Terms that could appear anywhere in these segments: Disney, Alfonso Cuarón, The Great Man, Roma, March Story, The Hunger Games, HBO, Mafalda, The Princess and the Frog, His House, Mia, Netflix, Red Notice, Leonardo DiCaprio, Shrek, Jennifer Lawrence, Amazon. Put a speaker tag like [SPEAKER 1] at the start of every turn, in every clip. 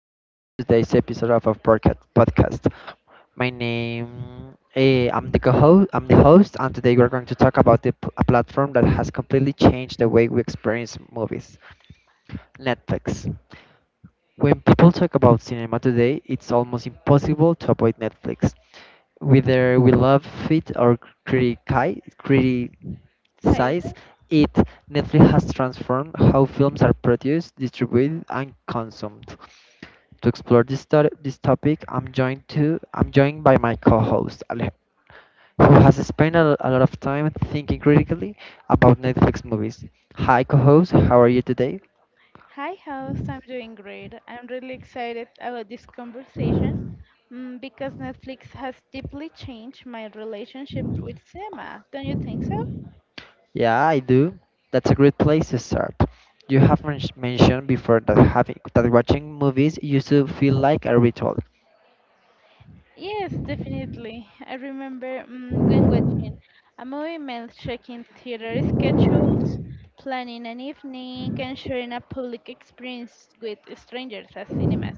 [SPEAKER 1] and welcome to today's episode of our podcast. I'm the co-host. I'm the host, and today we're going to talk about a platform that has completely changed the way we experience movies, Netflix. When people talk about cinema today, it's almost impossible to avoid Netflix. Whether we love it or
[SPEAKER 2] Saisa.
[SPEAKER 1] criticize it, Netflix has transformed how films are produced, distributed, and consumed. To explore this topic, I'm joined by my co-host Ale, who has spent a lot of time thinking critically about Netflix movies. Hi, co-host, how are you today?
[SPEAKER 2] Hi, house. I'm doing great. I'm really excited about this conversation because Netflix has deeply changed my relationship with cinema. Don't you think so?
[SPEAKER 1] Yeah, I do. That's a great place to start. You have mentioned before that having that watching movies used to feel like a ritual.
[SPEAKER 2] Yes, definitely. I remember going watching a movie meant checking theater schedules, planning an evening, and sharing a public experience with strangers at cinemas.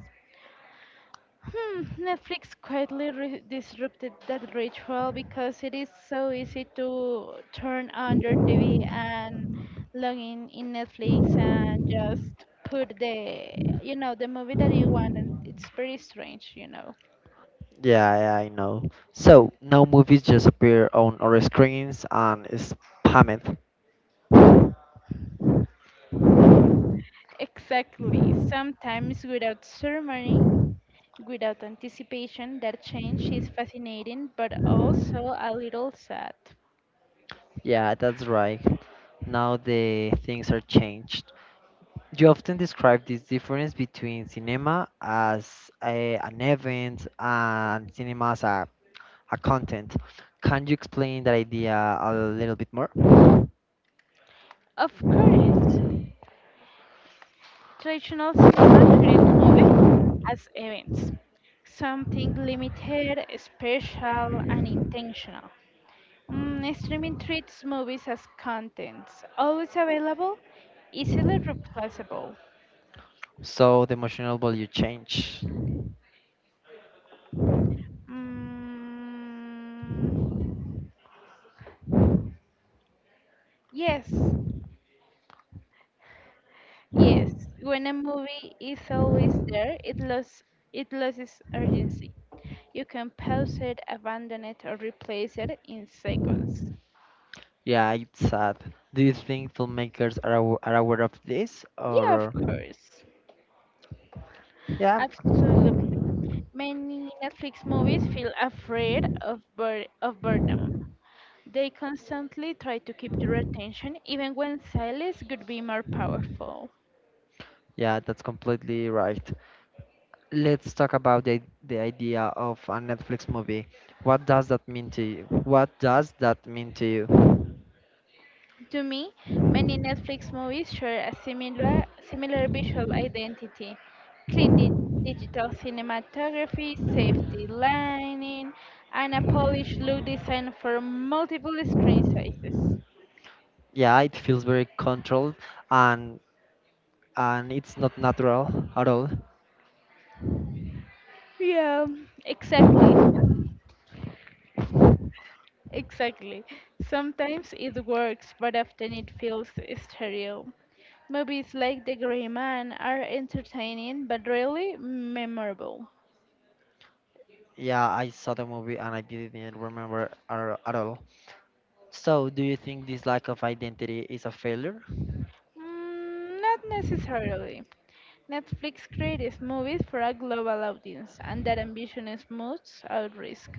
[SPEAKER 2] Netflix quietly disrupted that ritual because it is so easy to turn on your TV and log in Netflix and just put the the movie that you want, and it's very strange.
[SPEAKER 1] Yeah, yeah, I know. So now movies just appear on our screens and spammed.
[SPEAKER 2] Exactly. Sometimes without ceremony, without anticipation, that change is fascinating but also a little sad.
[SPEAKER 1] Yeah, that's right. Now the things are changed. You often describe this difference between cinema as an event and cinema as a content. Can you explain that idea a little bit more?
[SPEAKER 2] Of course, traditional cinema treated movies as events, something limited, special, and intentional. Streaming treats movies as contents, always available, easily replaceable.
[SPEAKER 1] So the emotional value change.
[SPEAKER 2] Mm, yes, yes. When a movie is always there, it loses urgency. You can pause it, abandon it, or replace it in seconds.
[SPEAKER 1] Yeah, it's sad. Do you think filmmakers are aware of this?
[SPEAKER 2] Yeah, of
[SPEAKER 1] Or
[SPEAKER 2] course.
[SPEAKER 1] yeah,
[SPEAKER 2] Absolutely. Many Netflix movies feel afraid of bur of boredom. They constantly try to keep your attention, even when silence could be more powerful.
[SPEAKER 1] yeah, that's completely right. Let's talk about the idea of a Netflix movie. What does that mean to you? What does that mean to you?
[SPEAKER 2] To me, many Netflix movies share a similar visual identity. Clean di digital cinematography, safety lighting, and a polished look designed for multiple screen sizes.
[SPEAKER 1] Yeah, it feels very controlled and and it's not natural at all.
[SPEAKER 2] Yeah, exactly. Exactly. Sometimes it works, but often it feels stereo. Movies like The Gray Man are entertaining but rarely memorable.
[SPEAKER 1] Yeah, I saw the movie and I didn't remember at all. So, do you think this lack of identity is a failure?
[SPEAKER 2] Not necessarily. Netflix creates movies for a global audience, and that ambition is most at risk.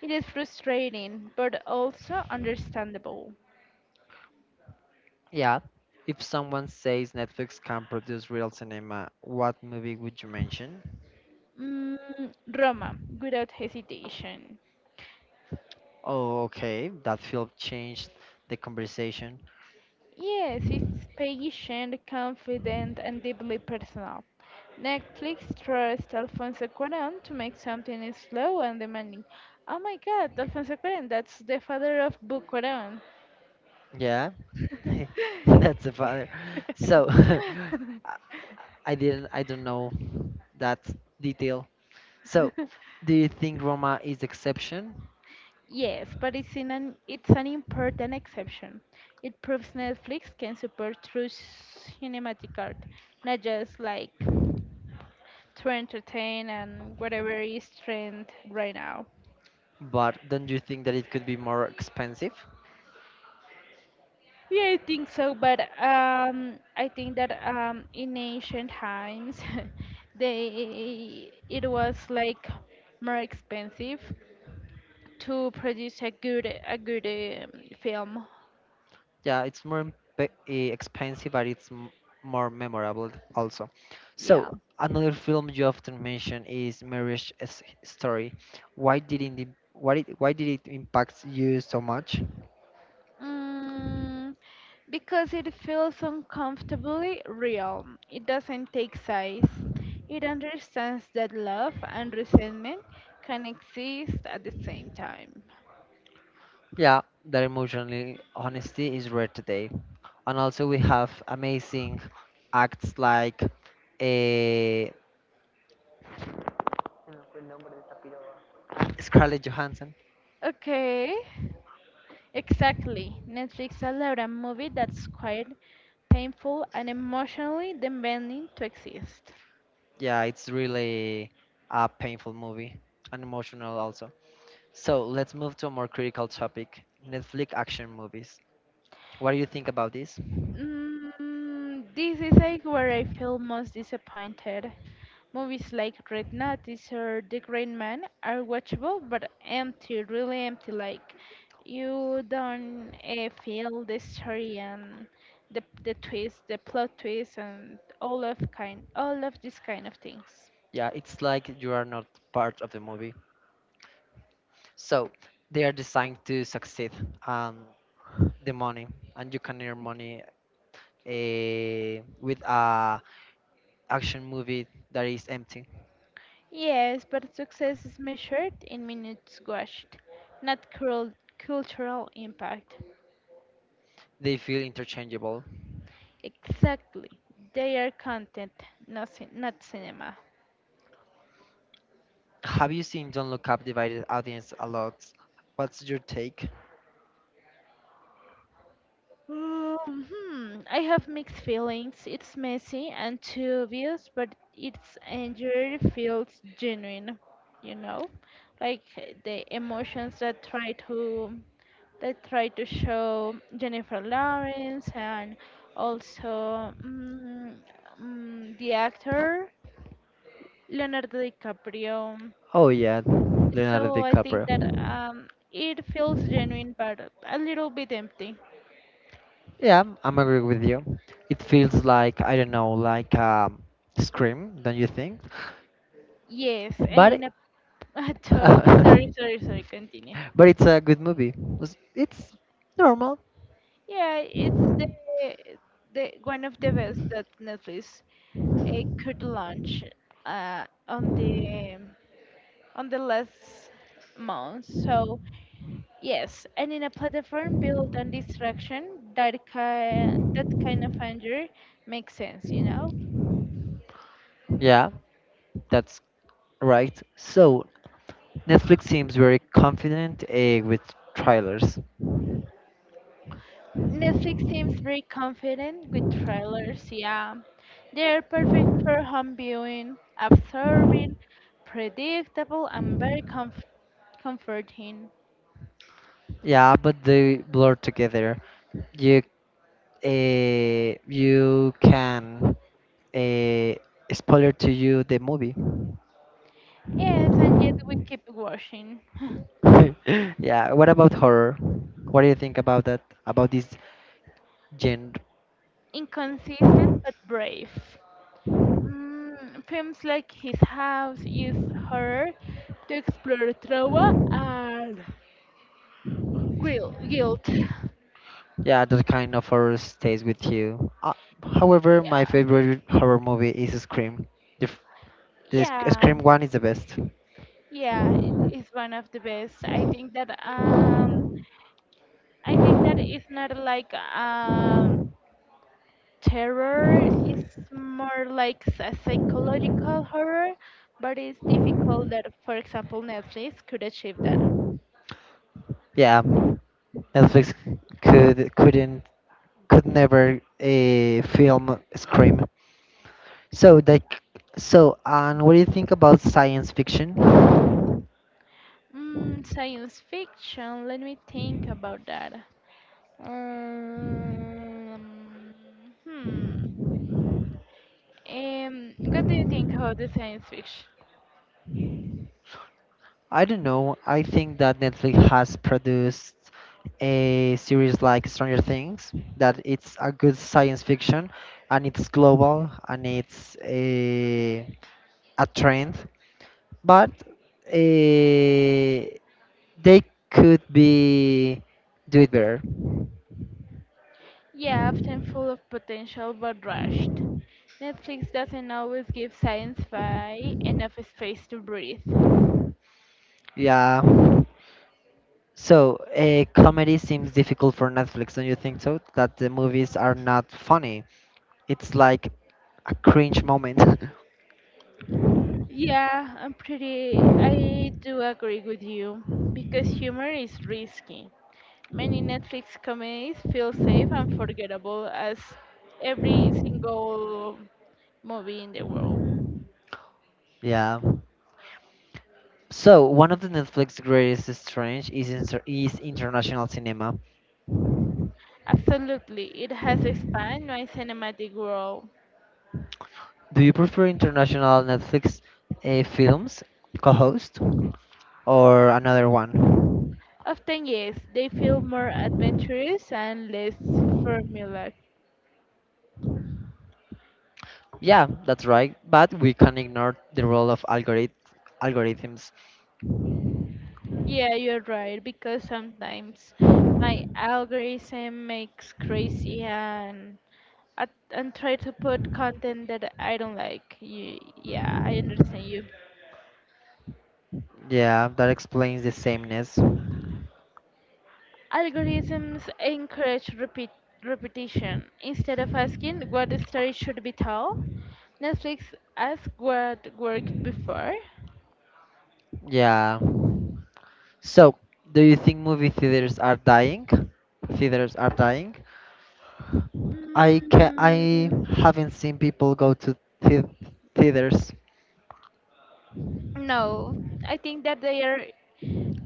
[SPEAKER 2] It is frustrating, but also understandable.
[SPEAKER 1] Yeah. If someone says Netflix can produce real cinema, what movie would you mention?
[SPEAKER 2] Mm, Roma, without hesitation.
[SPEAKER 1] Oh, okay. That film changed the conversation.
[SPEAKER 2] Yes, it's patient, confident, and deeply personal. Netflix trusts Alfonso Cuarón to make something slow and demanding. Oh my god, Alfonso Cuarón, that's the father of Book Cuarón.
[SPEAKER 1] Yeah. That's a father. So, I I don't know that detail. So, do you think Roma is exception?
[SPEAKER 2] Yes, but it's an important exception. It proves Netflix can support true cinematic art, not just like to entertain and whatever is trend right now.
[SPEAKER 1] But don't you think that it could be more expensive?
[SPEAKER 2] Yeah, I think so, but I think that in ancient times, they it was like more expensive to produce a good film.
[SPEAKER 1] Yeah, it's expensive, but it's more memorable also.
[SPEAKER 2] Yeah.
[SPEAKER 1] So, another film you often mention is Story. Why did it impact you so much?
[SPEAKER 2] Mm, because it feels uncomfortably real. It doesn't take sides. It understands that love and resentment can exist at the same time.
[SPEAKER 1] Yeah, that emotional honesty is rare today. And also we have amazing acts like eh, Scarlett Johansson.
[SPEAKER 2] Okay, exactly. Netflix allowed a movie that's quite painful and emotionally demanding to exist.
[SPEAKER 1] Yeah, it's really a painful movie and emotional also. So let's move to a more critical topic Netflix action movies. What do you think about this?
[SPEAKER 2] This is like where I feel most disappointed. Movies like Red Notice or The Great Man are watchable but empty, really empty. Like you don't feel the story and the twist, the plot twist, and all of these kind of things.
[SPEAKER 1] Yeah, it's like you are not part of the movie. So they are designed to succeed um, the money, and you can earn money with a action movie that is empty.
[SPEAKER 2] Yes, but success is measured in minutes watched, not cruel cultural impact.
[SPEAKER 1] They feel interchangeable.
[SPEAKER 2] Exactly. They are content, not cinema.
[SPEAKER 1] Have you seen Don't Look Up divided audience a lot? What's your take?
[SPEAKER 2] I have mixed feelings. It's messy and too obvious, but its anger feels genuine, you know? Like the emotions that try to show Jennifer Lawrence and also the actor Leonardo DiCaprio.
[SPEAKER 1] Oh yeah, Leonardo
[SPEAKER 2] So I think
[SPEAKER 1] DiCaprio.
[SPEAKER 2] that it feels genuine, but a little bit empty.
[SPEAKER 1] I'm agree with you. It feels like I don't know, like Scream, don't you think?
[SPEAKER 2] Yes, and
[SPEAKER 1] But
[SPEAKER 2] in a
[SPEAKER 1] uh,
[SPEAKER 2] sorry, sorry, sorry. Continue.
[SPEAKER 1] but it's a good movie. It's normal.
[SPEAKER 2] Yeah, it's the one of the best that Netflix could launch uh, on the on the last month. So yes, and in a platform built on distraction, that kind of anger makes sense, you know.
[SPEAKER 1] Yeah, that's right. So Netflix seems very confident with trailers.
[SPEAKER 2] Netflix seems very confident with trailers, yeah. They're perfect for home viewing, absorbing, predictable, and very comforting.
[SPEAKER 1] Yeah, but they blur together. You you can uh, spoiler to you the movie.
[SPEAKER 2] Yes, and yet we keep watching.
[SPEAKER 1] yeah. What about horror? What do you think about that? About this genre?
[SPEAKER 2] Inconsistent but brave. Films like His House use horror to explore trauma and guilt.
[SPEAKER 1] Yeah, that kind of horror stays with you. However, my
[SPEAKER 2] Yeah,
[SPEAKER 1] favorite horror movie is Scream. The, f- the Sc-
[SPEAKER 2] yeah.
[SPEAKER 1] Scream one is the best.
[SPEAKER 2] Yeah, it is one of the best. I think that it's not like terror, it's more like a psychological horror, but it's difficult that, for example, Netflix could achieve that.
[SPEAKER 1] Yeah, Netflix could couldn't could never film Scream. So like, so and what do you think about science fiction?
[SPEAKER 2] Science fiction, let me think about that. Um, hmm. What do you think about the science fiction?
[SPEAKER 1] I don't know. I think that Netflix has produced a series like Stranger Things, that it's a good science fiction and it's global and it's a trend, but eh, they could be do it better.
[SPEAKER 2] Yeah, often full of potential but rushed. Netflix doesn't always give sci fi enough space to breathe.
[SPEAKER 1] Yeah. So, a comedy seems difficult for Netflix, don't you think so? That the movies are not funny. It's like a cringe moment.
[SPEAKER 2] Yeah, I'm pretty. I do agree with you because humor is risky. Many Netflix comedies feel safe and forgettable as every single movie in the world.
[SPEAKER 1] yeah. So, one of the Netflix greatest strengths is is international cinema.
[SPEAKER 2] Absolutely, it has expanded my cinematic world.
[SPEAKER 1] Do you prefer international Netflix films, co-host, or another one?
[SPEAKER 2] Often, yes, they feel more adventurous and less formulaic.
[SPEAKER 1] Yeah, that's right. But we can ignore the role of algorithms.
[SPEAKER 2] Yeah, you're right, because sometimes my algorithm makes crazy and and try to put content that I don't like. You, yeah, I understand you.
[SPEAKER 1] Yeah, that explains the sameness.
[SPEAKER 2] Algorithms encourage repeat repetition instead of asking what story should be told. Netflix asks what worked before.
[SPEAKER 1] Yeah. So, do you think movie theaters are dying? Theaters are dying? I
[SPEAKER 2] Mm,
[SPEAKER 1] haven't seen people go to the theaters
[SPEAKER 2] no, I think that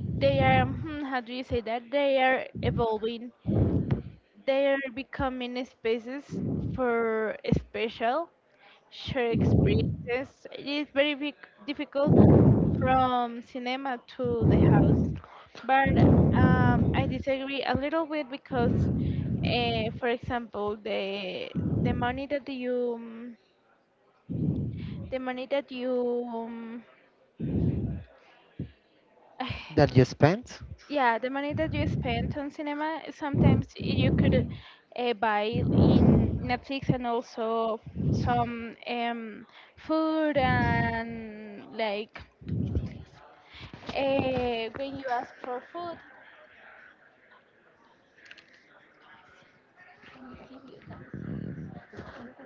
[SPEAKER 2] they are how do you say that? They are evolving. They are becoming spaces for special shared experiences. It is very big, difficult from cinema to the house, but I disagree a little bit because, for example, the money that you um, the money that you
[SPEAKER 1] that you spent.
[SPEAKER 2] yeah, the money that you spent on cinema, sometimes you could buy in Netflix and also some food and like when you ask for food, domicilios,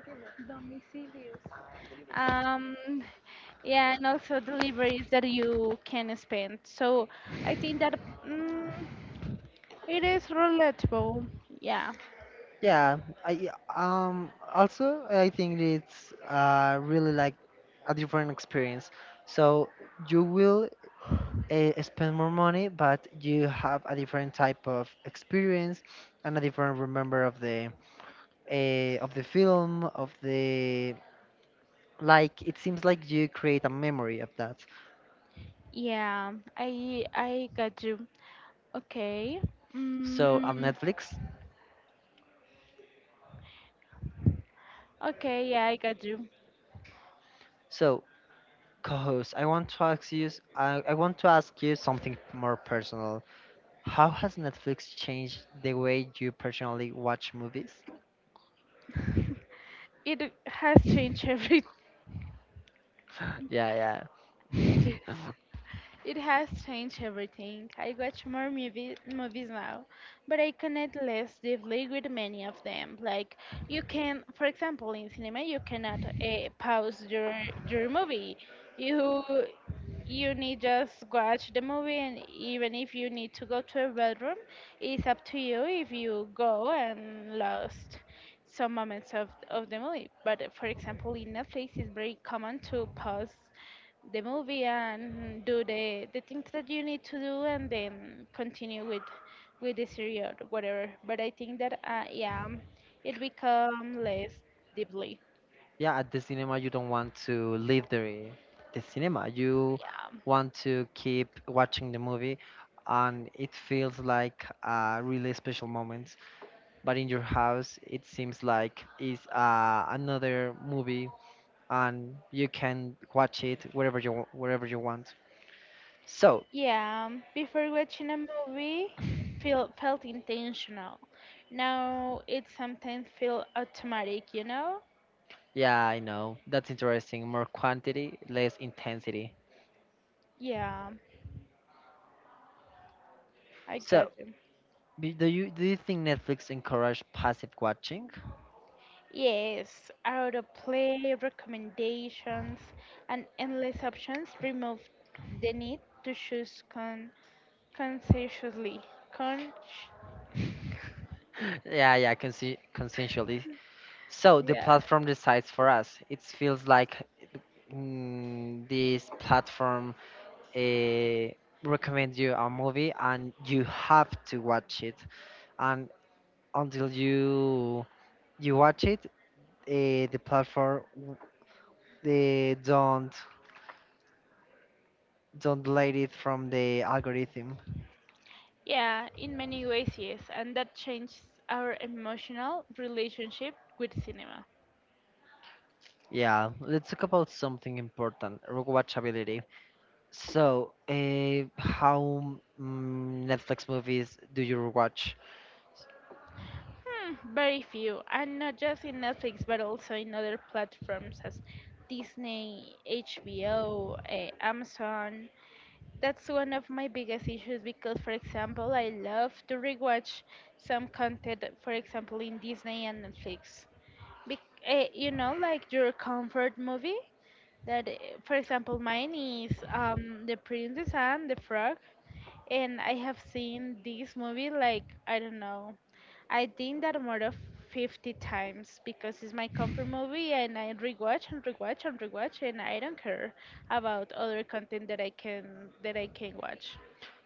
[SPEAKER 2] domicilios, domicilios. Yeah, and also deliveries that you can spend. So I think that mm, it is relatable. Yeah.
[SPEAKER 1] Yeah, I also I think it's really like a different experience. So you will spend more money, but you have a different type of experience and a different remember of the film of the like. It seems like you create a memory of that.
[SPEAKER 2] Yeah, I got you. Okay.
[SPEAKER 1] So on
[SPEAKER 2] Mm,
[SPEAKER 1] Netflix.
[SPEAKER 2] okay, yeah, I got you.
[SPEAKER 1] So co-host, I want to ask you something more personal. How has Netflix changed the way you personally watch movies?
[SPEAKER 2] It has changed every
[SPEAKER 1] Yeah, yeah.
[SPEAKER 2] it has changed everything. I watch movies now, but I connect less deeply with many of them. Like you can, for example, in cinema, you cannot pause your movie. You you need just watch the movie, and even if you need to go to a bedroom, it's up to you if you go and lost some moments of the movie, but for example, in Netflix it's very common to pause the movie and do the things that you need to do, and then continue with the series or whatever. But I think that yeah, it become less deeply.
[SPEAKER 1] Yeah, at the cinema you don't want to leave the cinema. You
[SPEAKER 2] Yeah.
[SPEAKER 1] want to keep watching the movie and it feels like a really special moment. But in your house it seems like it's another movie and you can watch it wherever you want. So,
[SPEAKER 2] Yeah, before watching a movie, feel felt intentional. Now it sometimes feel automatic, you know?
[SPEAKER 1] yeah, I know. That's interesting. More quantity, less intensity.
[SPEAKER 2] Yeah, I
[SPEAKER 1] So,
[SPEAKER 2] got you.
[SPEAKER 1] b- do you think Netflix encourage passive watching?
[SPEAKER 2] Yes, autoplay, recommendations, and endless options remove the need to choose consciously. Con
[SPEAKER 1] Yeah, yeah, consensually. So the
[SPEAKER 2] yeah.
[SPEAKER 1] platform decides for us. It feels like mm, this platform uh, recommends you a movie and you have to watch it. And until you watch it, the platform they don't delete it from the algorithm.
[SPEAKER 2] Yeah, in many ways, yes, and that changes our emotional relationship with cinema.
[SPEAKER 1] Yeah, let's talk about something important: rewatchability. So, how mm, Netflix movies do you rewatch?
[SPEAKER 2] Hmm, very few, and not just in Netflix, but also in other platforms as Disney, HBO, eh, Amazon. That's one of my biggest issues because, for example, I love to rewatch some content, for example, in Disney and Netflix. Bec- you know, like your comfort movie? That for example, mine is The Princess and the Frog, and I have seen this movie like I don't know, I think that more of 50 times, because it's my comfort movie and I rewatch and rewatch and rewatch, and I don't care about other content that I can watch.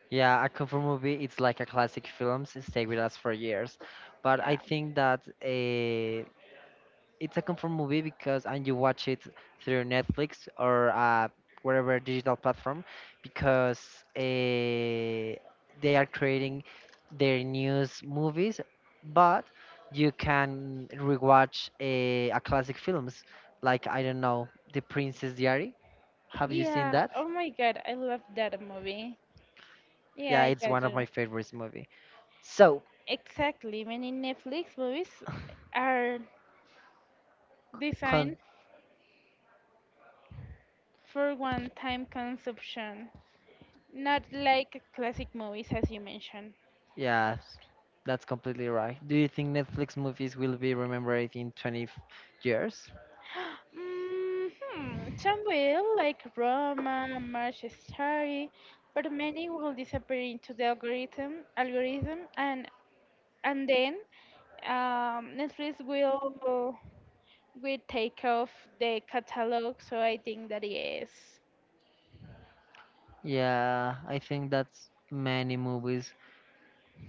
[SPEAKER 1] Yeah, a comfort movie it's like a classic films stay with us for years, but I
[SPEAKER 2] Yeah.
[SPEAKER 1] think that it's a comfort movie because and you watch it through Netflix or whatever digital platform because they are creating their news movies, but you can rewatch a classic films like I don't know The Princess Diary. Have you seen
[SPEAKER 2] Yeah,
[SPEAKER 1] that?
[SPEAKER 2] oh my god, I love that movie. Yeah,
[SPEAKER 1] Yeah,
[SPEAKER 2] I
[SPEAKER 1] it's one
[SPEAKER 2] got
[SPEAKER 1] of my
[SPEAKER 2] you.
[SPEAKER 1] favorites movie. So,
[SPEAKER 2] Exactly, many Netflix movies are
[SPEAKER 1] con-
[SPEAKER 2] designed for one time consumption, not like classic movies as you mentioned.
[SPEAKER 1] yeah, that's completely right. Do you think Netflix movies will be remembered in 20 years?
[SPEAKER 2] Hmm, some will, like Roma, March Story, but many will disappear into algorithm, and then Netflix will take off the catalog. So I think that is
[SPEAKER 1] Yeah, I think that's many movies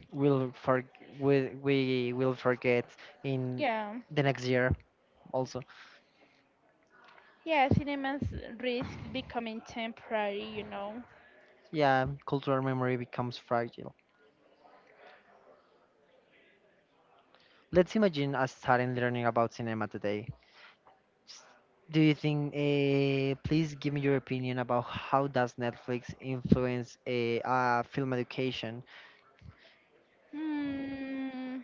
[SPEAKER 1] will for will we will forget in
[SPEAKER 2] yeah,
[SPEAKER 1] the next year also.
[SPEAKER 2] yeah. Cinemas risk becoming temporary, you know.
[SPEAKER 1] Yeah, cultural memory becomes fragile. Let's imagine us starting learning about cinema today. S- Do you think? Please give me your opinion about how does Netflix influence eh, a film education?
[SPEAKER 2] Hmm.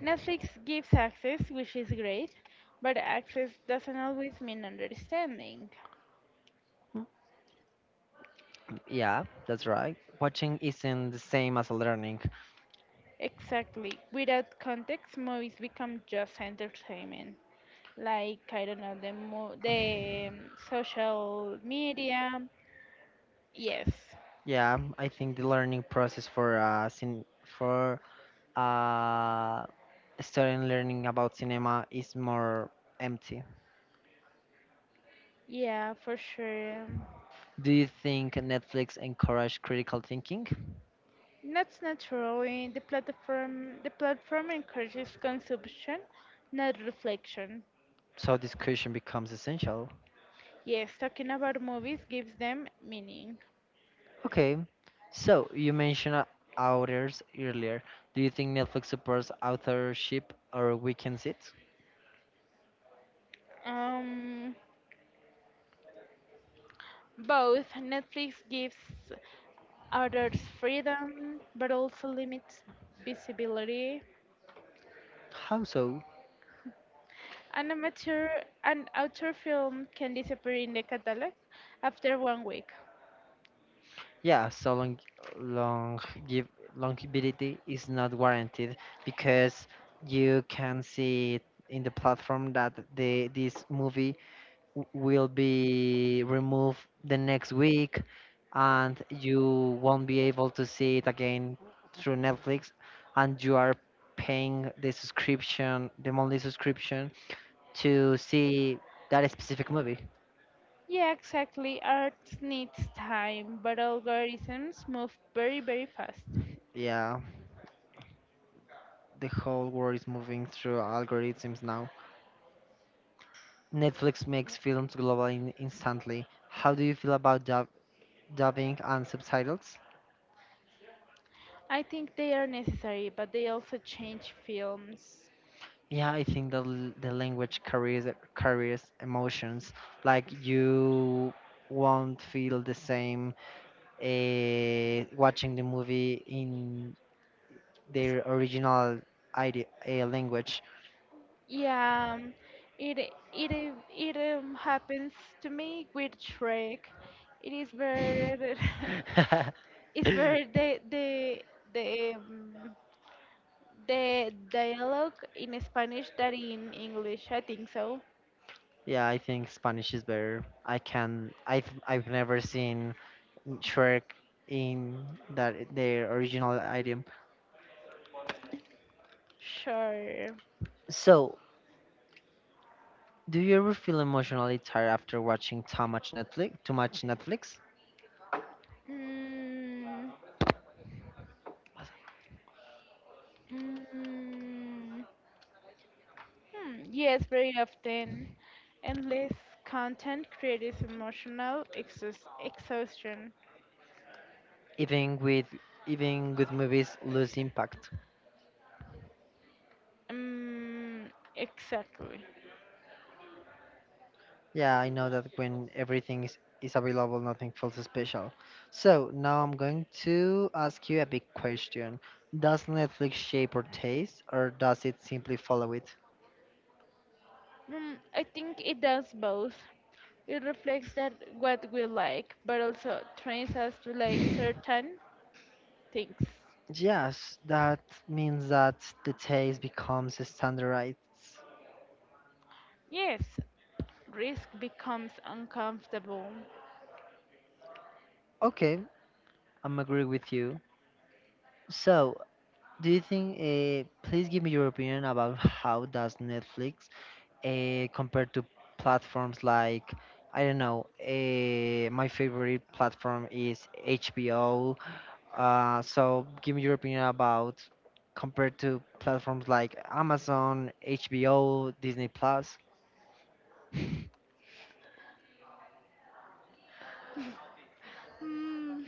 [SPEAKER 2] Netflix gives access, which is great, but access doesn't always mean understanding.
[SPEAKER 1] Mm, yeah, that's right. Watching isn't the same as learning.
[SPEAKER 2] Exactly. Without context, movies become just entertainment. Like, I don't know, the, mo- the social media. Yes.
[SPEAKER 1] Yeah, I think the learning process for cin- for uh, starting learning about cinema is more empty.
[SPEAKER 2] Yeah, for sure.
[SPEAKER 1] Do you think Netflix encourage critical thinking?
[SPEAKER 2] Not naturally. The platform encourages consumption, not reflection.
[SPEAKER 1] So discussion becomes essential.
[SPEAKER 2] Yes, talking about movies gives them meaning.
[SPEAKER 1] Okay, so you mentioned authors earlier. Do you think Netflix supports authorship or weakens it?
[SPEAKER 2] Um, Both. Netflix gives others freedom, but also limits visibility.
[SPEAKER 1] How so?
[SPEAKER 2] An amateur, an author film can disappear in the catalog after 1 week.
[SPEAKER 1] Yeah, long give longevity is not warranted because you can see in the platform that the this movie will be removed the next week and you won't be able to see it again through Netflix and you are paying the monthly subscription to see that specific movie.
[SPEAKER 2] Yeah, exactly. Art needs time, but algorithms move very, very fast.
[SPEAKER 1] Yeah, the whole world is moving through algorithms now. Netflix makes films global instantly. How do you feel about dubbing and subtitles?
[SPEAKER 2] I think they are necessary, but they also change films.
[SPEAKER 1] Yeah, I think the language carries emotions. Like you won't feel the same watching the movie in their
[SPEAKER 2] S-
[SPEAKER 1] original language.
[SPEAKER 2] Yeah, it it I- it happens to me with Shrek. It is very it's very the um, the dialogue in Spanish that in English. I think so.
[SPEAKER 1] Yeah, I think Spanish is better. I've never seen Shrek in that their original idiom.
[SPEAKER 2] Sure.
[SPEAKER 1] So, do you ever feel emotionally tired after watching too much Netflix? Too much Netflix?
[SPEAKER 2] Mm, mm, yes, very often. Endless content creates emotional exhaust exhaustion.
[SPEAKER 1] Even with even good movies lose impact.
[SPEAKER 2] Mm, exactly.
[SPEAKER 1] Yeah, I know that when is available, nothing feels special. So now I'm going to ask you a big question. Does Netflix shape our taste or does it simply follow it?
[SPEAKER 2] I think it does both. It reflects that what we like, but also trains us to like certain things.
[SPEAKER 1] Yes, that means that the taste becomes standardized.
[SPEAKER 2] Yes, risk becomes uncomfortable.
[SPEAKER 1] Okay, I'm agree with you. So do you think? Please give me your opinion about how does Netflix compared to platforms like I don't know. My favorite platform is HBO. So give me your opinion about compared to platforms like Amazon, HBO, Disney Plus.
[SPEAKER 2] Mm.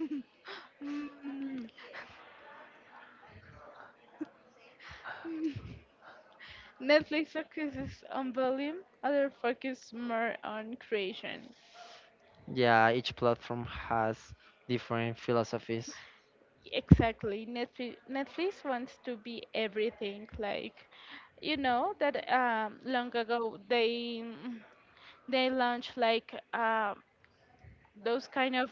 [SPEAKER 2] Mm. Netflix focuses on volume, other focus more on creation.
[SPEAKER 1] Yeah, each platform has different philosophies.
[SPEAKER 2] Exactly. Netflix wants to be everything. Like, you know, that long ago they launch like those kind of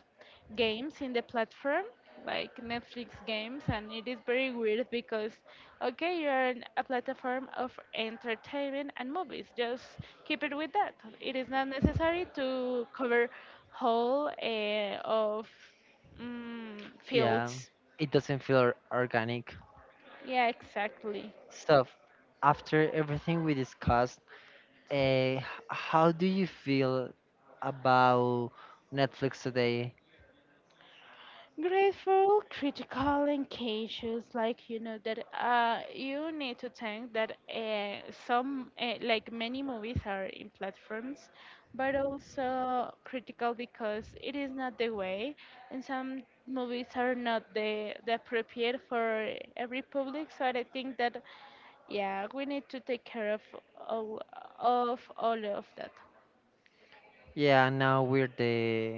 [SPEAKER 2] games in the platform like Netflix games, and it is very weird because okay, you're in a platform of entertainment and movies, just keep it with that. It is not necessary to cover whole
[SPEAKER 1] Yeah,
[SPEAKER 2] fields.
[SPEAKER 1] it doesn't feel organic.
[SPEAKER 2] Yeah, exactly.
[SPEAKER 1] So after everything we discussed, uh, how do you feel about Netflix today?
[SPEAKER 2] Grateful, critical, and cautious. Like you know that you need to think that some like many movies are in platforms, but also critical because it is not the way, and some movies are not the appropriate for every public. So I think that yeah, we need to take care of all, of all of that.
[SPEAKER 1] Yeah, now we're the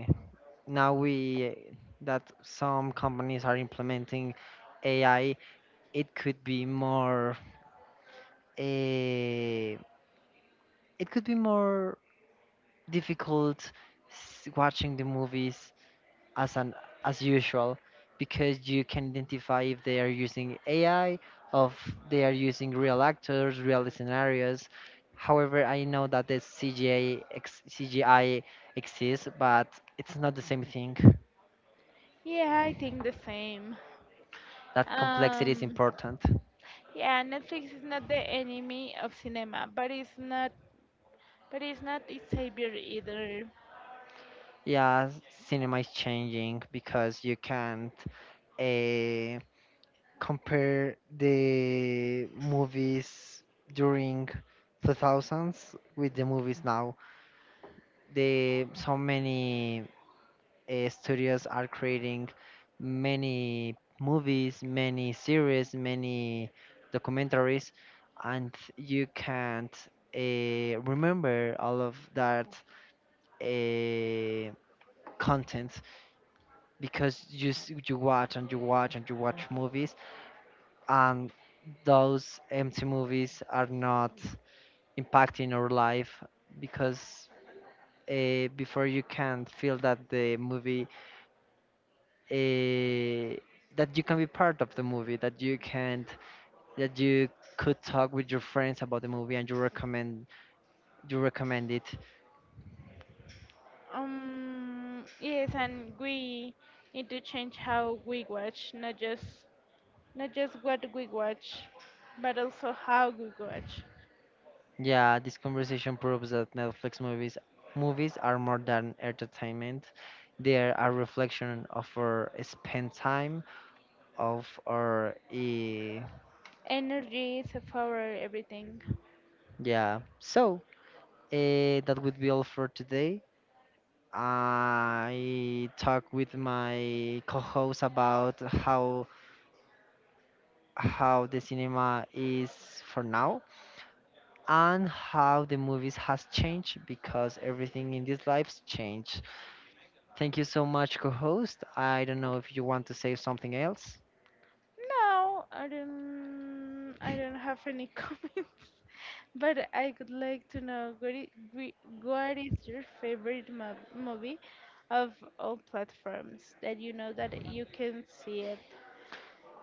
[SPEAKER 1] now we that some companies are implementing AI, it could be more uh, it could be more difficult watching the movies as an as usual because you can identify if they are using AI, of they are using real actors, real scenarios. However, I know that the CGI exists, but it's not the same thing.
[SPEAKER 2] Yeah, I think the same.
[SPEAKER 1] That complexity is
[SPEAKER 2] Um,
[SPEAKER 1] important.
[SPEAKER 2] Yeah, Netflix is not the enemy of cinema, but it's not its savior either.
[SPEAKER 1] Yeah, cinema is changing because you can't uh, compare the movies during 2000s with the movies now. They so many studios are creating many movies, many series, many documentaries, and you can't remember all of that uh, content because you watch and you watch and you watch movies, and those empty movies are not impacting our life because before you can feel that the movie uh, that you can be part of the movie, that you can that you could talk with your friends about the movie and you recommend it.
[SPEAKER 2] Yes, and we need to change how we watch, not just what we watch, but also how we watch.
[SPEAKER 1] Yeah, this conversation proves that Netflix movies are more than entertainment. They are a reflection of our spent time, of our
[SPEAKER 2] Energy is a power everything.
[SPEAKER 1] yeah. So, that would be all for today. I talked with my co-host about how the cinema is for now and how the movies has changed because everything in these lives changed. Thank you so much, co-host. I don't know if you want to say something else.
[SPEAKER 2] No, I don't. I don't have any comments. But I would like to know what is your favorite movie of all platforms that you know that you can see it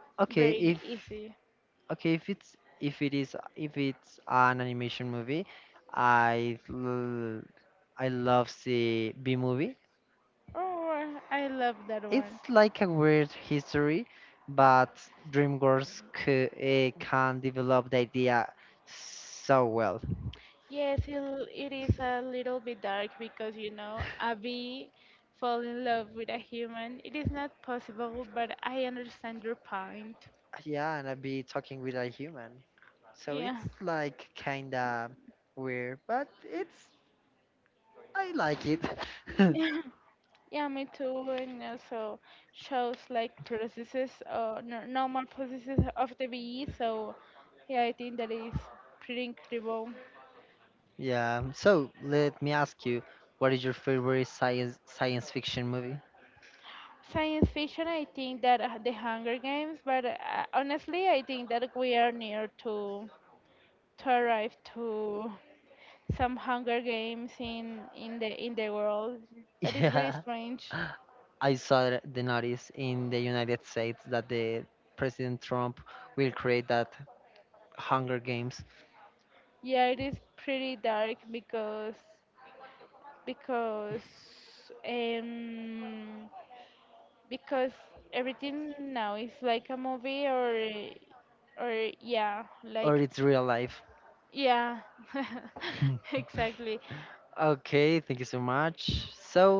[SPEAKER 1] Okay,
[SPEAKER 2] very
[SPEAKER 1] if
[SPEAKER 2] easy.
[SPEAKER 1] okay, if it's if it is if it's an animation movie, I l- I love the B movie.
[SPEAKER 2] Oh, I love that
[SPEAKER 1] It's
[SPEAKER 2] one.
[SPEAKER 1] like a weird history, but DreamWorks can develop the idea so well.
[SPEAKER 2] Yes, it is a little bit dark because you know a bee fall in love with a human. It is not possible, but I understand your point.
[SPEAKER 1] Yeah, and I'd be talking with a human. So it's
[SPEAKER 2] Yeah.
[SPEAKER 1] like kinda weird, but it's I like it.
[SPEAKER 2] Yeah, yeah, me too. And also shows like processes n normal processes of the bee. So yeah, I think that is pretty incredible.
[SPEAKER 1] Yeah. So let me ask you, what is your favorite science fiction movie?
[SPEAKER 2] Science fiction, I think that the Hunger Games, but honestly, I think that we are near to arrive to some Hunger Games in in the world. That is
[SPEAKER 1] Yeah.
[SPEAKER 2] very strange.
[SPEAKER 1] I saw the notice in the United States that the President Trump will create that Hunger Games,
[SPEAKER 2] Yeah, it is pretty dark because because um because everything now is like a movie or yeah,
[SPEAKER 1] or it's
[SPEAKER 2] like
[SPEAKER 1] real life.
[SPEAKER 2] yeah. Exactly.
[SPEAKER 1] Okay, thank you so much. So,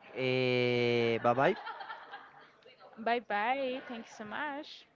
[SPEAKER 1] bye bye.
[SPEAKER 2] Bye bye. Thank you so much.